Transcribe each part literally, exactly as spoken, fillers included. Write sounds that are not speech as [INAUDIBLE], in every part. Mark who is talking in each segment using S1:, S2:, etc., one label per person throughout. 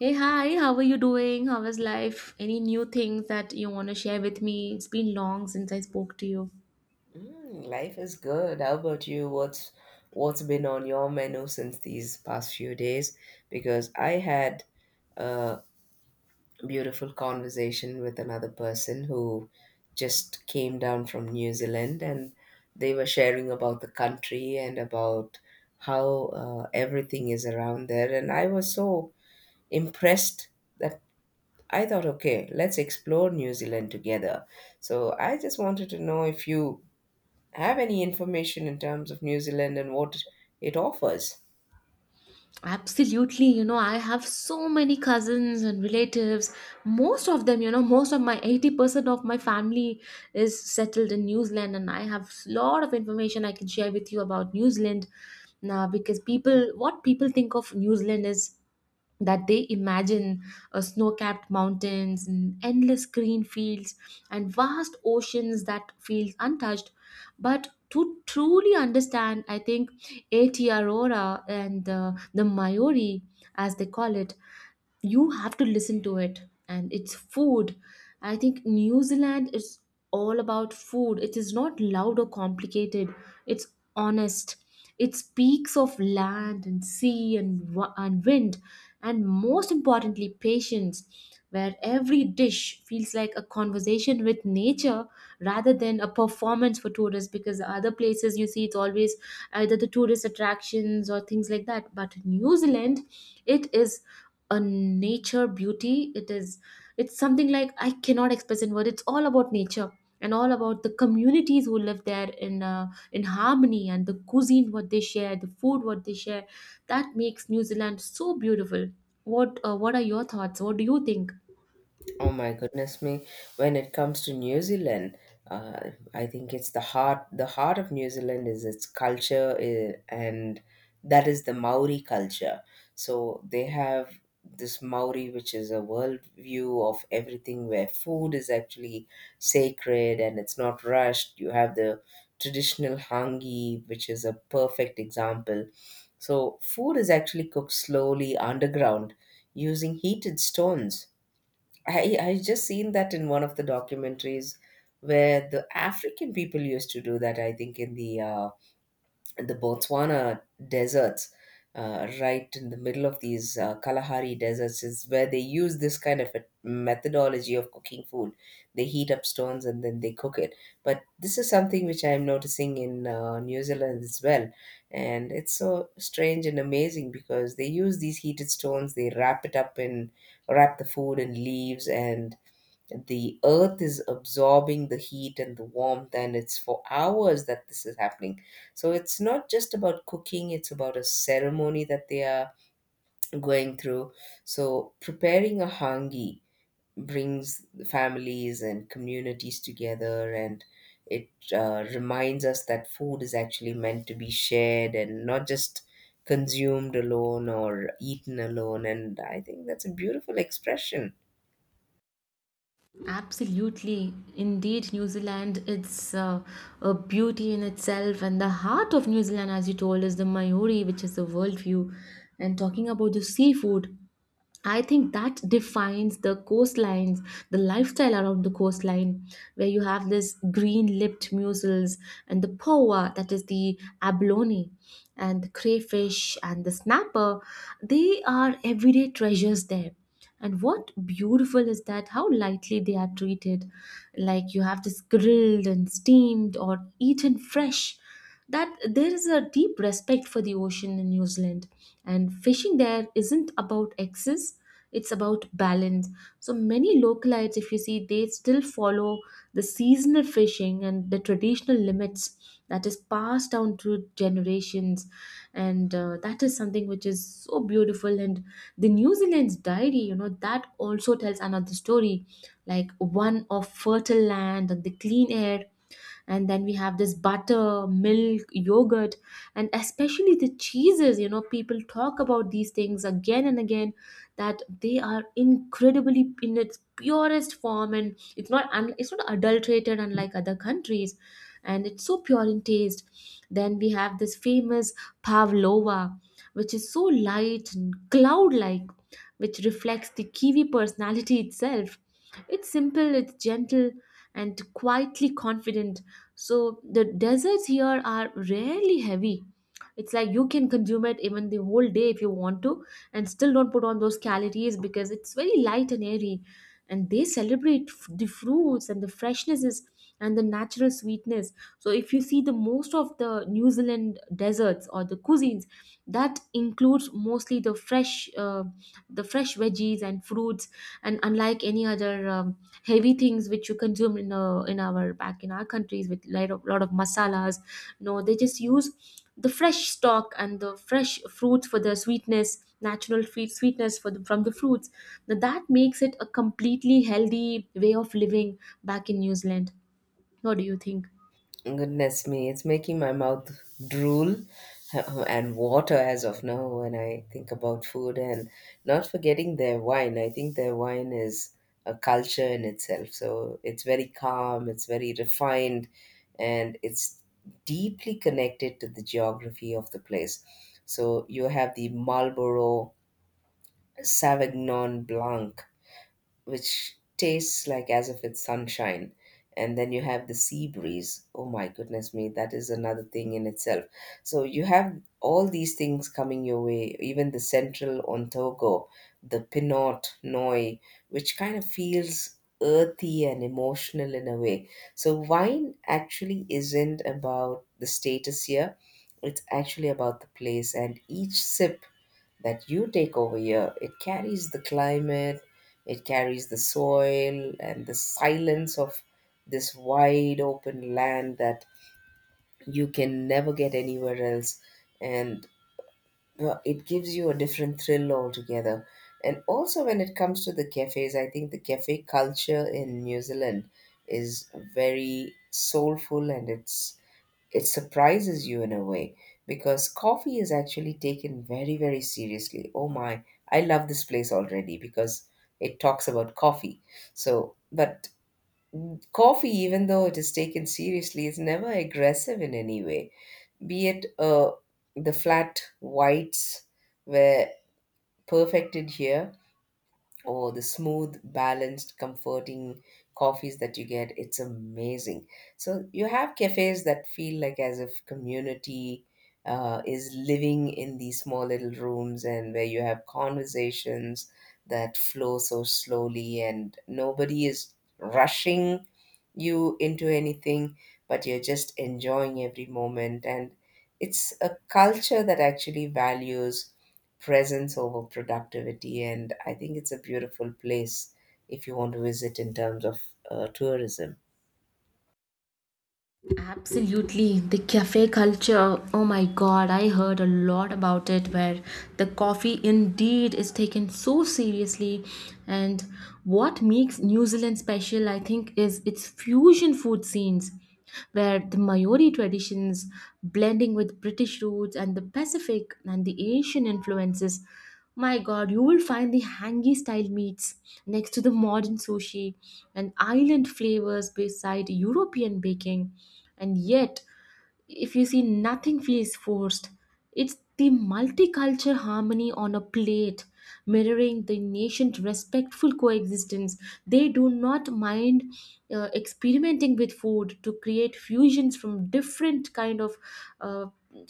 S1: Hey, hi, how are you doing? How is life? Any new things that you want to share with me? It's been long since I spoke to you.
S2: Mm, life is good. How about you? What's what's been on your menu since these past few days? Because I had a beautiful conversation with another person who just came down from New Zealand, and they were sharing about the country and about how uh, everything is around there. And I was so impressed that I thought, okay, let's explore New Zealand together. So I just wanted to know if you have any information in terms of New Zealand and what it offers?
S1: Absolutely, you know, I have so many cousins and relatives. Most of them, you know, most of my eighty percent of my family is settled in New Zealand, and I have a lot of information I can share with you about New Zealand now because people, what people think of New Zealand is that they imagine uh, snow-capped mountains and endless green fields and vast oceans that feels untouched, but to truly understand, I think atr aurora and uh, the Maori, as they call it, you have to listen to it and it's food. I think New Zealand is all about food. It is not loud or complicated. It's honest. It speaks of land and sea and, wa- and wind, and most importantly patience, where every dish feels like a conversation with nature rather than a performance for tourists. Because other places, you see, it's always either the tourist attractions or things like that, but New Zealand, it is a nature beauty. It is, it's something like I cannot express in word. It's all about nature and all about the communities who live there in uh, in harmony, and the cuisine what they share, the food what they share, that makes New Zealand so beautiful. What uh, what are your thoughts? What do you think?
S2: Oh my goodness me! When it comes to New Zealand, uh, I think it's the heart. The heart of New Zealand is its culture, eh, and that is the Maori culture. So they have this Maori, which is a world view of everything, where food is actually sacred and it's not rushed. You have the traditional hangi, which is a perfect example. So food is actually cooked slowly underground using heated stones. I I just seen that in one of the documentaries where the African people used to do that. I think in the uh, in the Botswana deserts, uh, right in the middle of these uh, Kalahari deserts, is where they use this kind of a methodology of cooking food. They heat up stones and then they cook it. But this is something which I am noticing in uh, New Zealand as well, and it's so strange and amazing because they use these heated stones. They wrap it up in wrap the food in leaves and the earth is absorbing the heat and the warmth, and it's for hours that this is happening. So it's not just about cooking, it's about a ceremony that they are going through. So preparing a hangi brings families and communities together, and it uh, reminds us that food is actually meant to be shared and not just consumed alone or eaten alone. And I think that's a beautiful expression.
S1: Absolutely. Indeed, New Zealand, it's uh, a beauty in itself. And the heart of New Zealand, as you told, is the Maori, which is the worldview. And talking about the seafood, I think that defines the coastlines, the lifestyle around the coastline, where you have this green lipped mussels and the poa, that is the abalone, and the crayfish and the snapper. They are everyday treasures there. And what beautiful is that how lightly they are treated. Like you have this grilled and steamed or eaten fresh, that there is a deep respect for the ocean in New Zealand. And fishing there isn't about excess, it's about balance. So many localites, if you see, they still follow the seasonal fishing and the traditional limits that is passed down through generations. And uh, that is something which is so beautiful. And the New Zealand's diary, you know, that also tells another story, like one of fertile land and the clean air. And then we have this butter milk yogurt and especially the cheeses. You know, people talk about these things again and again, that they are incredibly in its purest form and it's not un- it's not adulterated, unlike other countries, and it's so pure in taste. Then we have this famous pavlova, which is so light and cloud like, which reflects the kiwi personality itself. It's simple, it's gentle, and quietly confident. So the desserts here are rarely heavy. It's like you can consume it even the whole day if you want to and still don't put on those calories because it's very light and airy. And they celebrate f- the fruits and the freshnesses and the natural sweetness. So if you see, the most of the New Zealand deserts or the cuisines, that includes mostly the fresh, uh, the fresh veggies and fruits, and unlike any other um, heavy things which you consume in uh, in our back in our countries with lot of lot of masalas, no, they just use the fresh stock and the fresh fruits for the sweetness, natural sweet sweetness for the, from the fruits. Now that makes it a completely healthy way of living back in New Zealand. What do you think?
S2: Goodness me, it's making my mouth drool [LAUGHS] and water as of now when I think about food, and not forgetting their wine. I think their wine is a culture in itself. So it's very calm, it's very refined, and it's deeply connected to the geography of the place. So you have the Marlborough Sauvignon Blanc, which tastes like as if it's sunshine. And then you have the sea breeze. Oh my goodness me, that is another thing in itself. So you have all these things coming your way, even the central Ontago, the Pinot Noi, which kind of feels earthy and emotional in a way. So wine actually isn't about the status here. It's actually about the place, and each sip that you take over here, it carries the climate, it carries the soil, and the silence of this wide open land that you can never get anywhere else. And well, it gives you a different thrill altogether. And also, when it comes to the cafes, I think the cafe culture in New Zealand is very soulful, and it's it surprises you in a way because coffee is actually taken very, very seriously. Oh my, I love this place already because it talks about coffee. So, but coffee, even though it is taken seriously, is never aggressive in any way, be it uh, the flat whites were perfected here, or the smooth, balanced, comforting coffees that you get. It's amazing. So you have cafes that feel like as if community uh, is living in these small little rooms, and where you have conversations that flow so slowly and nobody is rushing you into anything, but you're just enjoying every moment. And it's a culture that actually values presence over productivity. And I think it's a beautiful place if you want to visit in terms of uh, tourism.
S1: Absolutely. The cafe culture. Oh my god, I heard a lot about it, where the coffee indeed is taken so seriously. And what makes New Zealand special, I think, is its fusion food scenes, where the Maori traditions blending with British roots and the Pacific and the Asian influences. My god, you will find the hangi style meats next to the modern sushi and island flavors beside European baking. And yet, if you see, nothing feels forced. It's the multicultural harmony on a plate, mirroring the nation's respectful coexistence. They do not mind uh, experimenting with food to create fusions from different kind of uh,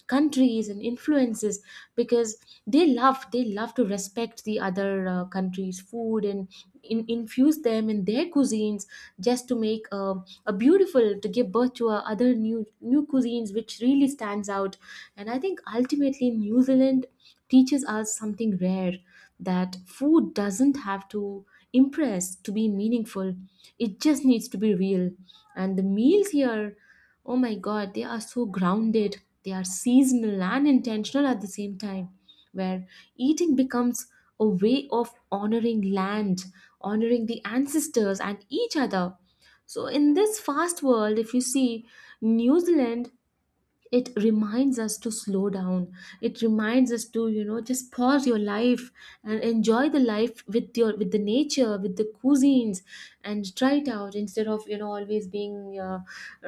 S1: countries and influences, because they love they love to respect the other uh, countries food and in, infuse them in their cuisines just to make uh, a beautiful to give birth to uh, other new new cuisines which really stands out. And I think ultimately New Zealand teaches us something rare, that food doesn't have to impress to be meaningful, it just needs to be real. And the meals here, oh my God, they are so grounded. They are seasonal and intentional at the same time, where eating becomes a way of honoring land, honoring the ancestors and each other. So, in this fast world, if you see, New Zealand, it reminds us to slow down. It reminds us to, you know, just pause your life and enjoy the life with your with the nature with the cuisines and try it out, instead of, you know, always being uh,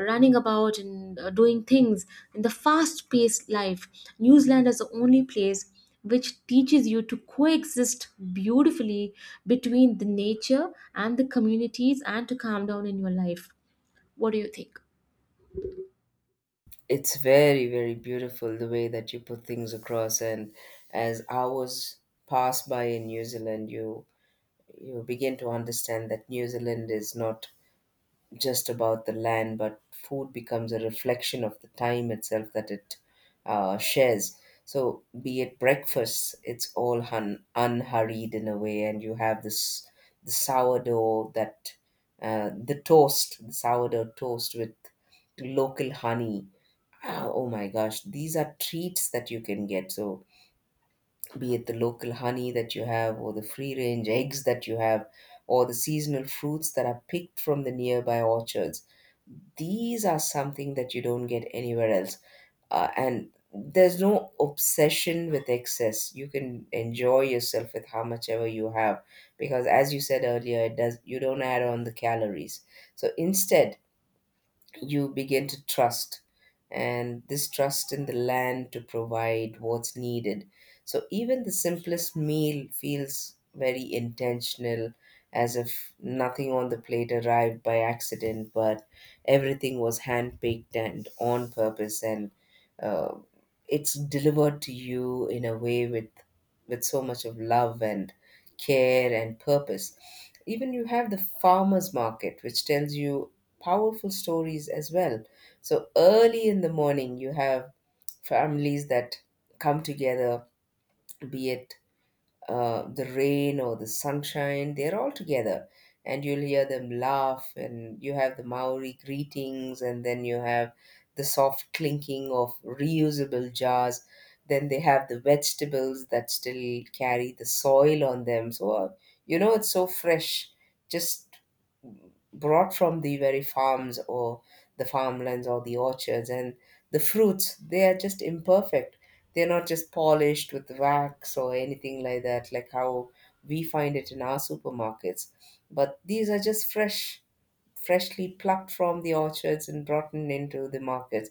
S1: running about and uh, doing things in the fast paced life. New Zealand is the only place which teaches you to coexist beautifully between the nature and the communities and to calm down in your life. What do you think?
S2: It's very, very beautiful the way that you put things across. And as hours pass by in New Zealand, you you begin to understand that New Zealand is not just about the land, but food becomes a reflection of the time itself that it uh, shares. So, be it breakfast, it's all hun- unhurried in a way, and you have this the sourdough that uh, the toast, the sourdough toast with local honey. Ah, oh my gosh, these are treats that you can get. So, be it the local honey that you have, or the free range eggs that you have, or the seasonal fruits that are picked from the nearby orchards, these are something that you don't get anywhere else. Uh, and there's no obsession with excess. You can enjoy yourself with how much ever you have because, as you said earlier, it does, you don't add on the calories. So instead, you begin to trust, and this trust in the land to provide what's needed. So even the simplest meal feels very intentional, as if nothing on the plate arrived by accident, but everything was handpicked and on purpose, and uh, it's delivered to you in a way with with so much of love and care and purpose. Even you have the farmers market, which tells you powerful stories as well. So early in the morning, you have families that come together, be it uh, the rain or the sunshine, they're all together. And you'll hear them laugh, and you have the Maori greetings, and then you have the soft clinking of reusable jars. Then they have the vegetables that still carry the soil on them. So, uh, you know, it's so fresh, just brought from the very farms or the farmlands or the orchards. And the fruits, they are just imperfect. They're not just polished with wax or anything like that, like how we find it in our supermarkets, but these are just fresh, freshly plucked from the orchards and brought in into the markets.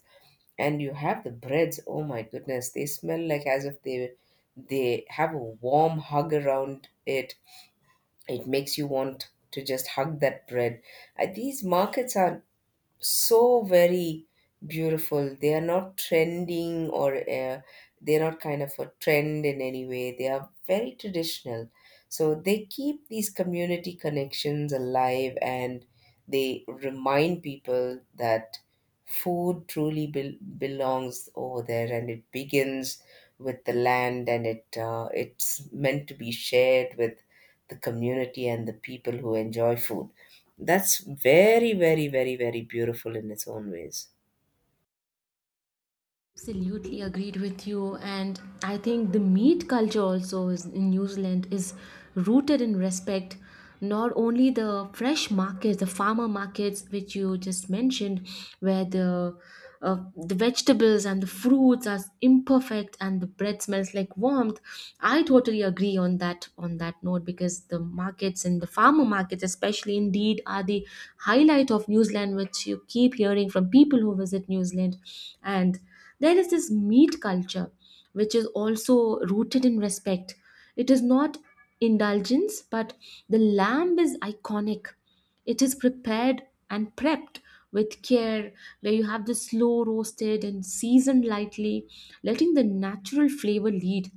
S2: And you have the breads, oh my goodness, they smell like as if they they have a warm hug around it. It makes you want to just hug that bread. Uh, these markets are so very beautiful. They are not trending, or uh, they're not kind of a trend in any way. They are very traditional. So they keep these community connections alive, and they remind people that food truly bel belongs over there, and it begins with the land, and it uh, it's meant to be shared with the community and the people who enjoy food. That's very, very, very, very beautiful in its own ways.
S1: Absolutely agreed with you. And I think the meat culture also is in New Zealand is rooted in respect. Not only the fresh markets, the farmer markets, which you just mentioned, where the uh, the vegetables and the fruits are imperfect and the bread smells like warmth. I totally agree on that, on that note, because the markets and the farmer markets, especially indeed, are the highlight of New Zealand, which you keep hearing from people who visit New Zealand. And there is this meat culture, which is also rooted in respect. It is not indulgence, but the lamb is iconic. It is prepared and prepped with care, where you have the slow roasted and seasoned lightly, letting the natural flavor lead.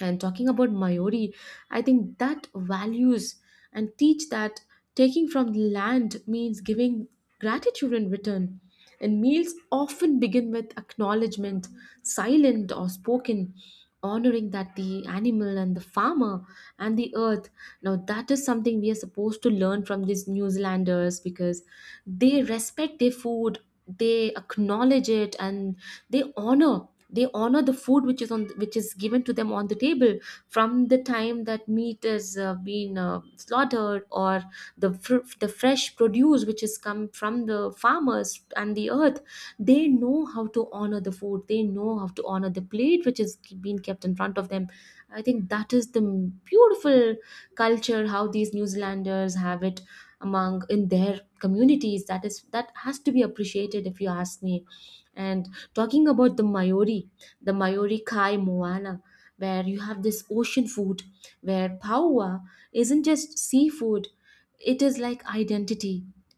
S1: And talking about Maori, I think that values and teach that taking from the land means giving gratitude in return. And meals often begin with acknowledgement, silent or spoken, honoring that the animal and the farmer and the earth. Now, that is something we are supposed to learn from these New Zealanders, because they respect their food, they acknowledge it, and they honor they honor the food which is on, which is given to them on the table, from the time that meat is uh, being uh, slaughtered, or the fr- the fresh produce which has come from the farmers and the earth. They know how to honor the food, they know how to honor the plate which is being kept in front of them. I think that is the beautiful culture how these New Zealanders have it among in their communities. That is that has to be appreciated, if you ask me. And talking about the Maori, the Maori Kai Moana, where you have this ocean food, where paua isn't just seafood, it is like identity.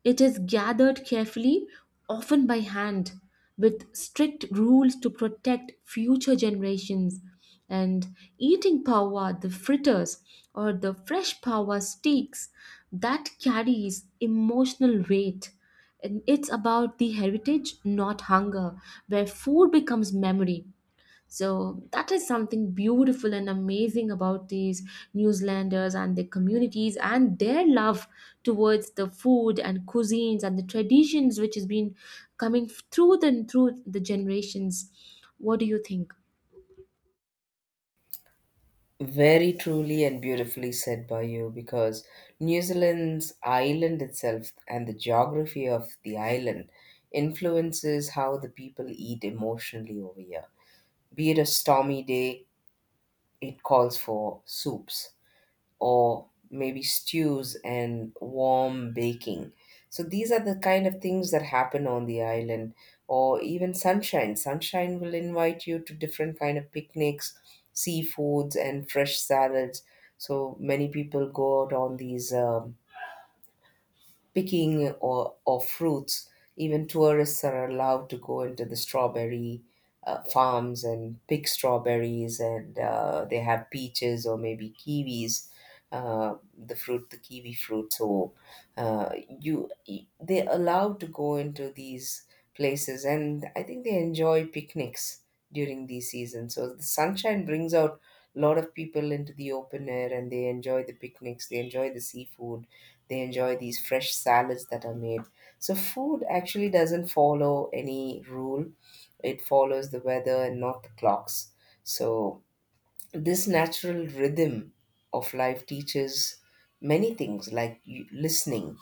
S1: It is gathered carefully, often by hand, with strict rules to protect future generations. And eating pawa, the fritters or the fresh pawa steaks, that carries emotional weight, and it's about the heritage not hunger, where food becomes memory. So that is something beautiful and amazing about these New Zealanders and their communities and their love towards the food and cuisines and the traditions which has been coming through the through the generations. What do you think?
S2: Very truly and beautifully said by you because New Zealand's island itself and the geography of the island influences how the people eat emotionally over here. Be it a stormy day, it calls for soups, or maybe stews and warm baking. So these are the kind of things that happen on the island, or even sunshine. Sunshine will invite you to different kind of picnics, seafoods and fresh salads. So many people go out on these um, picking or, or fruits. Even tourists are allowed to go into the strawberry uh, farms and pick strawberries, and uh, they have peaches or maybe kiwis. Uh, the fruit, the kiwi fruit. So uh, you, they're allowed to go into these places, and I think they enjoy picnics during these seasons. So the sunshine brings out a lot of people into the open air, and they enjoy the picnics. They enjoy the seafood, they enjoy these fresh salads that are made. So food actually doesn't follow any rule. It follows the weather and not the clocks. So this natural rhythm of life teaches many things, like you- listening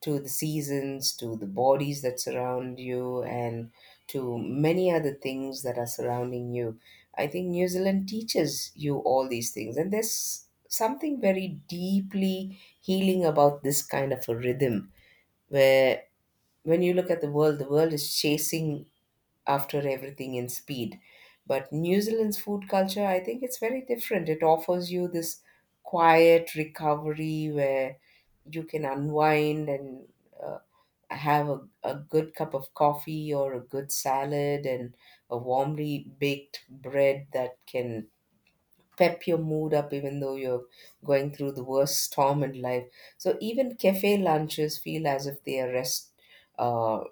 S2: to the seasons, to the bodies that surround you, and to many other things that are surrounding you. I think New Zealand teaches you all these things, and there's something very deeply healing about this kind of a rhythm, where when you look at the world, the world is chasing after everything in speed. But New Zealand's food culture, I think it's very different. It offers you this quiet recovery where you can unwind and uh, have a, a good cup of coffee or a good salad and a warmly baked bread that can pep your mood up even though you're going through the worst storm in life. So even cafe lunches feel as if they are rest uh,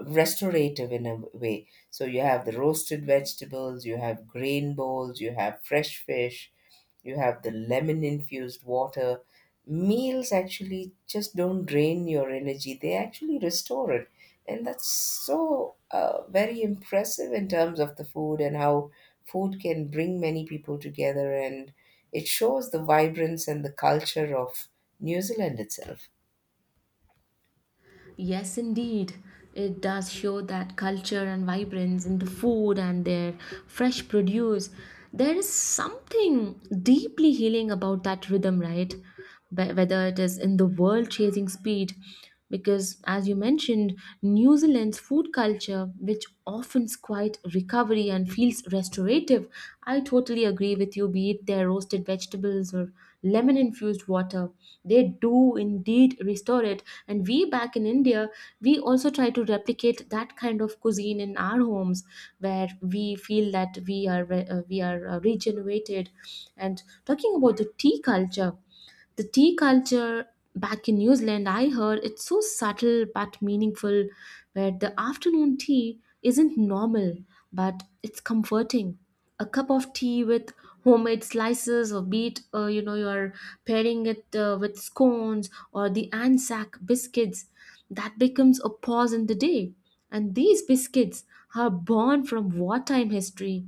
S2: restorative in a way. So you have the roasted vegetables, you have grain bowls, you have fresh fish, you have the lemon infused water. Meals actually just don't drain your energy, they actually restore it. And that's so uh, very impressive in terms of the food, and how food can bring many people together. And it shows the vibrance and the culture of New Zealand itself.
S1: Yes, indeed. It does show that culture and vibrance in the food and their fresh produce. There is something deeply healing about that rhythm, right? Be- Whether it is in the world chasing speed, because as you mentioned, New Zealand's food culture, which often quite recovery and feels restorative. I totally agree with you, be it their roasted vegetables or lemon infused water. They do indeed restore it. And we back in India, we also try to replicate that kind of cuisine in our homes where we feel that we are, re- uh, we are uh, regenerated. And talking about the tea culture, the tea culture back in New Zealand, I heard it's so subtle but meaningful, where the afternoon tea isn't normal but it's comforting. A cup of tea with homemade slices of beet, uh, you know, you're pairing it uh, with scones or the Anzac biscuits, that becomes a pause in the day. And these biscuits are born from wartime history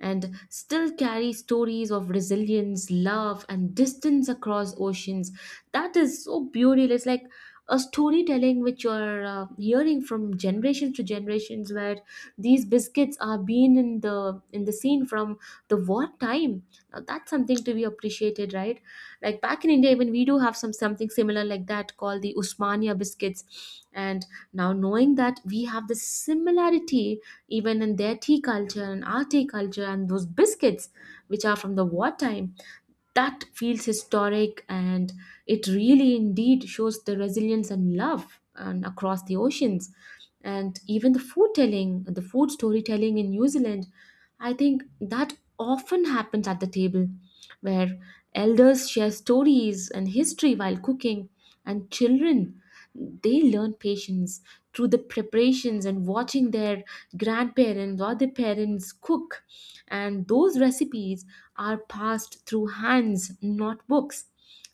S1: and still carry stories of resilience, love, and distance across oceans. That is so beautiful. It's like a storytelling which you're uh, hearing from generation to generations where these biscuits are being in the in the scene from the war time. Now that's something to be appreciated, right? Like back in India, even we do have some something similar like that, called the Usmania biscuits. And now knowing that we have the similarity even in their tea culture and our tea culture and those biscuits which are from the wartime, that feels historic, and it really indeed shows the resilience and love and across the oceans. And even the food telling, the food storytelling in New Zealand, I think that often happens at the table, where elders share stories and history while cooking, and children, they learn patience through the preparations and watching their grandparents or their parents cook. And those recipes are passed through hands, not books.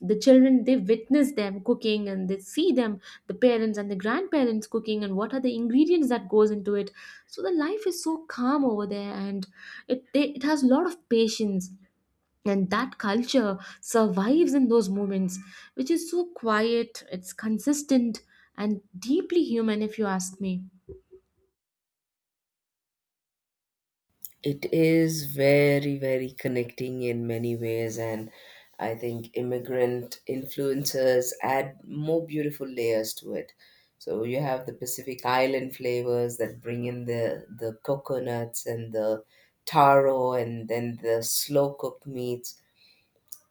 S1: The children, they witness them cooking and they see them, the parents and the grandparents cooking, and what are the ingredients that goes into it. So the life is so calm over there, and it they, it has a lot of patience, and that culture survives in those moments, which is so quiet, it's consistent and deeply human if you ask me.
S2: It is very, very connecting in many ways, and I think immigrant influencers add more beautiful layers to it. So you have the Pacific Island flavors that bring in the the coconuts and the taro, and then the slow cooked meats.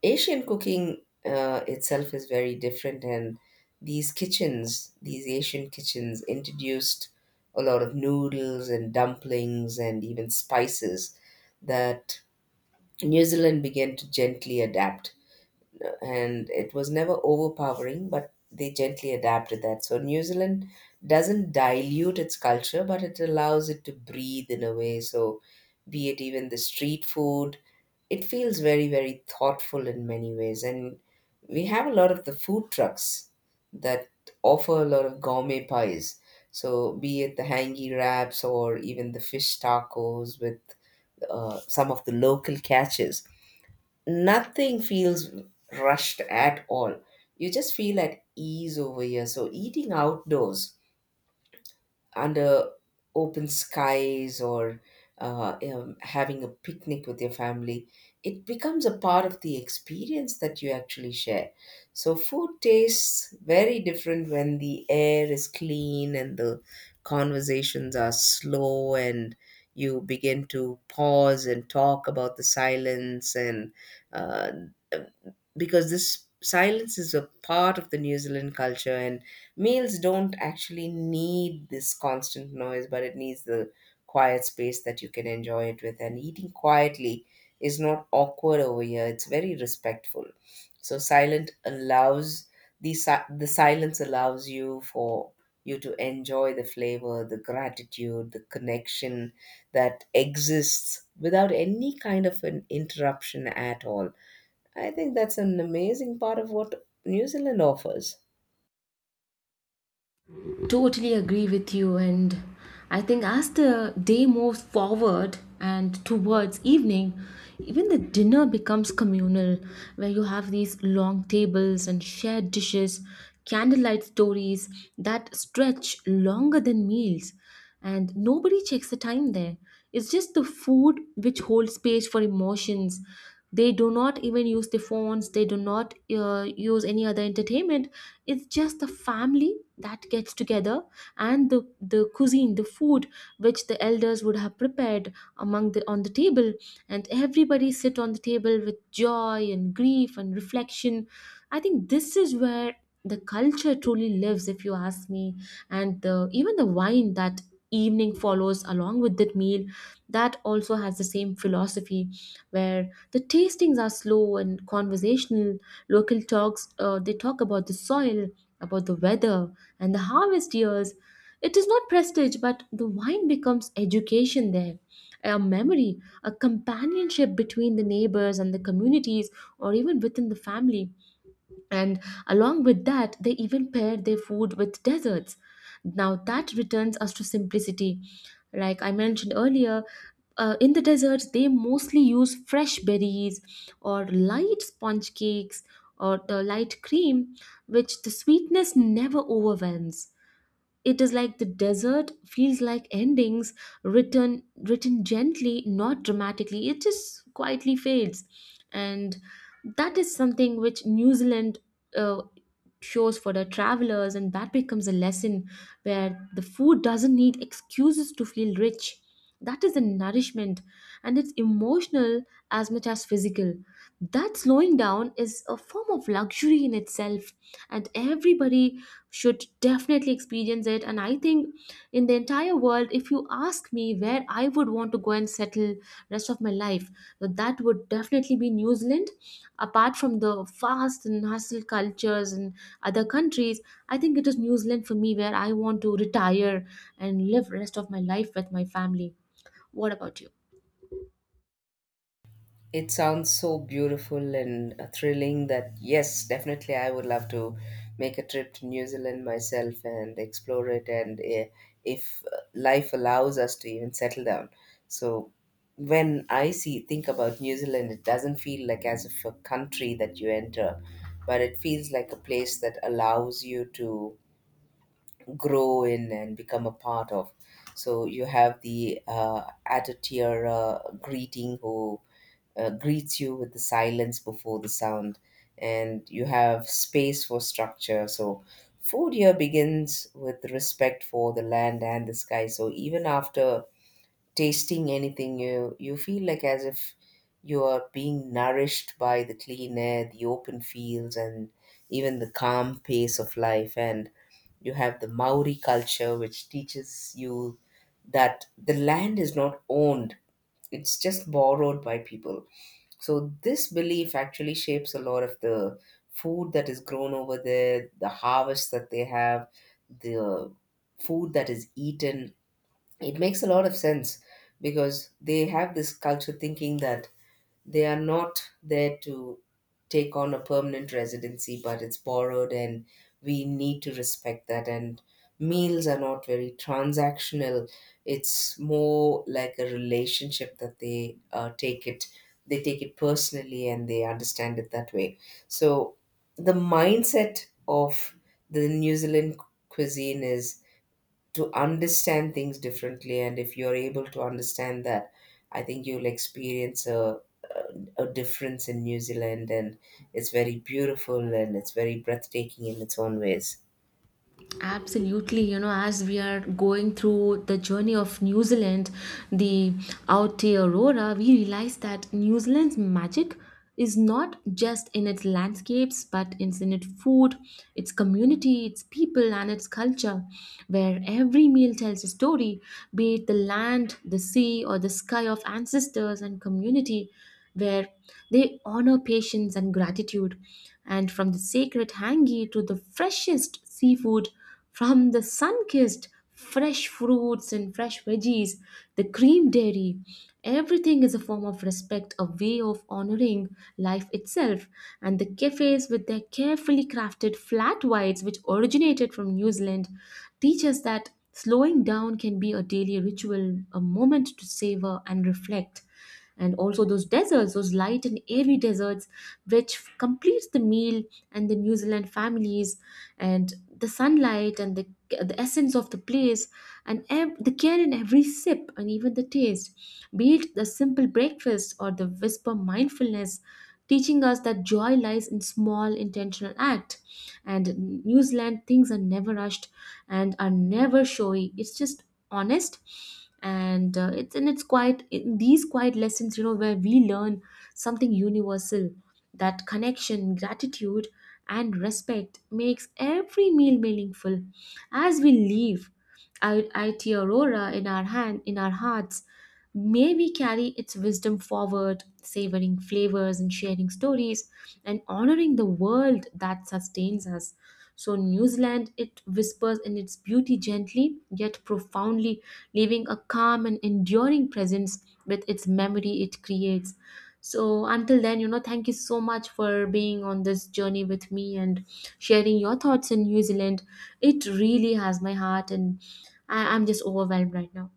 S2: Asian cooking uh, itself is very different, and these kitchens, these Asian kitchens, introduced a lot of noodles and dumplings and even spices that New Zealand began to gently adapt, and it was never overpowering, but they gently adapted that. So New Zealand doesn't dilute its culture, but it allows it to breathe in a way. So, be it even the street food, it feels very, very thoughtful in many ways. And we have a lot of the food trucks that offer a lot of gourmet pies. So, be it the hangi wraps or even the fish tacos with uh, some of the local catches, nothing feels rushed at all. You just feel at ease over here. So eating outdoors under open skies or uh, um, having a picnic with your family, it becomes a part of the experience that you actually share. So food tastes very different when the air is clean and the conversations are slow and you begin to pause and talk about the silence and uh, because this silence is a part of the New Zealand culture, and males don't actually need this constant noise, but it needs the quiet space that you can enjoy it with. And eating quietly is not awkward over here, it's very respectful. So, silent allows the, si- the silence allows you for you to enjoy the flavor, the gratitude, the connection that exists without any kind of an interruption at all. I think that's an amazing part of what New Zealand offers.
S1: Totally agree with you, and I think as the day moves forward and towards evening, even the dinner becomes communal, where you have these long tables and shared dishes, candlelight stories that stretch longer than meals, and nobody checks the time there. It's just the food which holds space for emotions. They do not even use the phones, they do not uh, use any other entertainment. It's just the family that gets together, and the the cuisine, the food which the elders would have prepared among the on the table, and everybody sit on the table with joy and grief and reflection. I think this is where the culture truly lives if you ask me. And the, even the wine that evening follows along with that meal, that also has the same philosophy, where the tastings are slow and conversational. Local talks, uh, they talk about the soil, about the weather, and the harvest years. It is not prestige, but the wine becomes education there, a memory, a companionship between the neighbors and the communities, or even within the family. And along with that, they even paired their food with desserts. Now that returns us to simplicity, like I mentioned earlier. Uh, in the deserts, they mostly use fresh berries or light sponge cakes or the light cream, which the sweetness never overwhelms. It is like the desert feels like endings, written written gently, not dramatically, it just quietly fades. And that is something which New Zealand uh, shows for the travelers, and that becomes a lesson where the food doesn't need excuses to feel rich. That is the nourishment, and it's emotional as much as physical. That slowing down is a form of luxury in itself, and everybody should definitely experience it. And I think in the entire world, if you ask me, where I would want to go and settle rest of my life, so that would definitely be New Zealand. Apart from the fast and hustle cultures and other countries, I think it is New Zealand for me, where I want to retire and live rest of my life with my family. What about you?
S2: It sounds so beautiful and uh, thrilling that, yes, definitely I would love to make a trip to New Zealand myself and explore it. And eh, if uh, life allows us to even settle down. So when I see, think about New Zealand, it doesn't feel like as if a country that you enter, but it feels like a place that allows you to grow in and become a part of. So you have the uh, attitude uh, greeting who uh, greets you with the silence before the sound, and you have space for structure. So food here begins with respect for the land and the sky. So even after tasting anything new, you feel like as if you are being nourished by the clean air, the open fields, and even the calm pace of life. And you have the Maori culture, which teaches you that the land is not owned, it's just borrowed by people. So, this belief actually shapes a lot of the food that is grown over there, the harvest that they have, the food that is eaten. It makes a lot of sense because they have this culture thinking that they are not there to take on a permanent residency, but it's borrowed and we need to respect that. And meals are not very transactional, it's more like a relationship that they uh, take it, they take it personally and they understand it that way. So the mindset of the New Zealand cuisine is to understand things differently, and if you're able to understand that, I think you'll experience a, a, a difference in New Zealand, and it's very beautiful and it's very breathtaking in its own ways.
S1: Absolutely, you know, as we are going through the journey of New Zealand, the Aotearoa, we realize that New Zealand's magic is not just in its landscapes, but it's in its food, its community, its people, and its culture, where every meal tells a story, be it the land, the sea, or the sky of ancestors and community, where they honor patience and gratitude, and from the sacred hangi to the freshest seafood, from the sun kissed fresh fruits and fresh veggies, the cream dairy, everything is a form of respect, a way of honoring life itself. And the cafes with their carefully crafted flat whites, which originated from New Zealand, teach us that slowing down can be a daily ritual, a moment to savor and reflect, and also those deserts, those light and airy deserts which completes the meal, and the New Zealand families, and the sunlight, and the the essence of the place, and ev- the care in every sip and even the taste, be it the simple breakfast or the whisper mindfulness, teaching us that joy lies in small intentional act. And New Zealand things are never rushed and are never showy. It's just honest, and uh, it's and it's quite in these quiet lessons, you know, where we learn something universal, that connection, gratitude, and respect makes every meal meaningful. As we leave I- IT Aurora in our hand, in our hearts, may we carry its wisdom forward, savoring flavors and sharing stories, and honoring the world that sustains us. So, New Zealand, it whispers in its beauty gently yet profoundly, leaving a calm and enduring presence with its memory it creates. So until then, you know, thank you so much for being on this journey with me and sharing your thoughts in New Zealand. It really has my heart, and I- I'm just overwhelmed right now.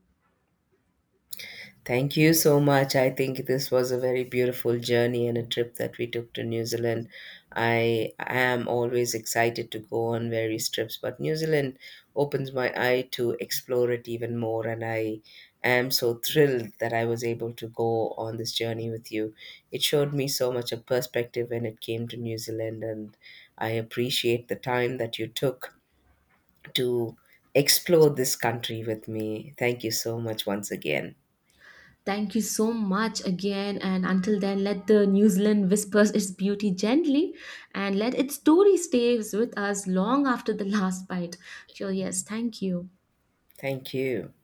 S2: Thank you so much. I think this was a very beautiful journey and a trip that we took to New Zealand. I am always excited to go on various trips, but New Zealand opens my eye to explore it even more. And I am so thrilled that I was able to go on this journey with you. It showed me so much a perspective when it came to New Zealand, and I appreciate the time that you took to explore this country with me. Thank you so much once again.
S1: Thank you so much again. And until then, let the New Zealand whispers its beauty gently and let its story stays with us long after the last bite. So, yes, thank you.
S2: Thank you.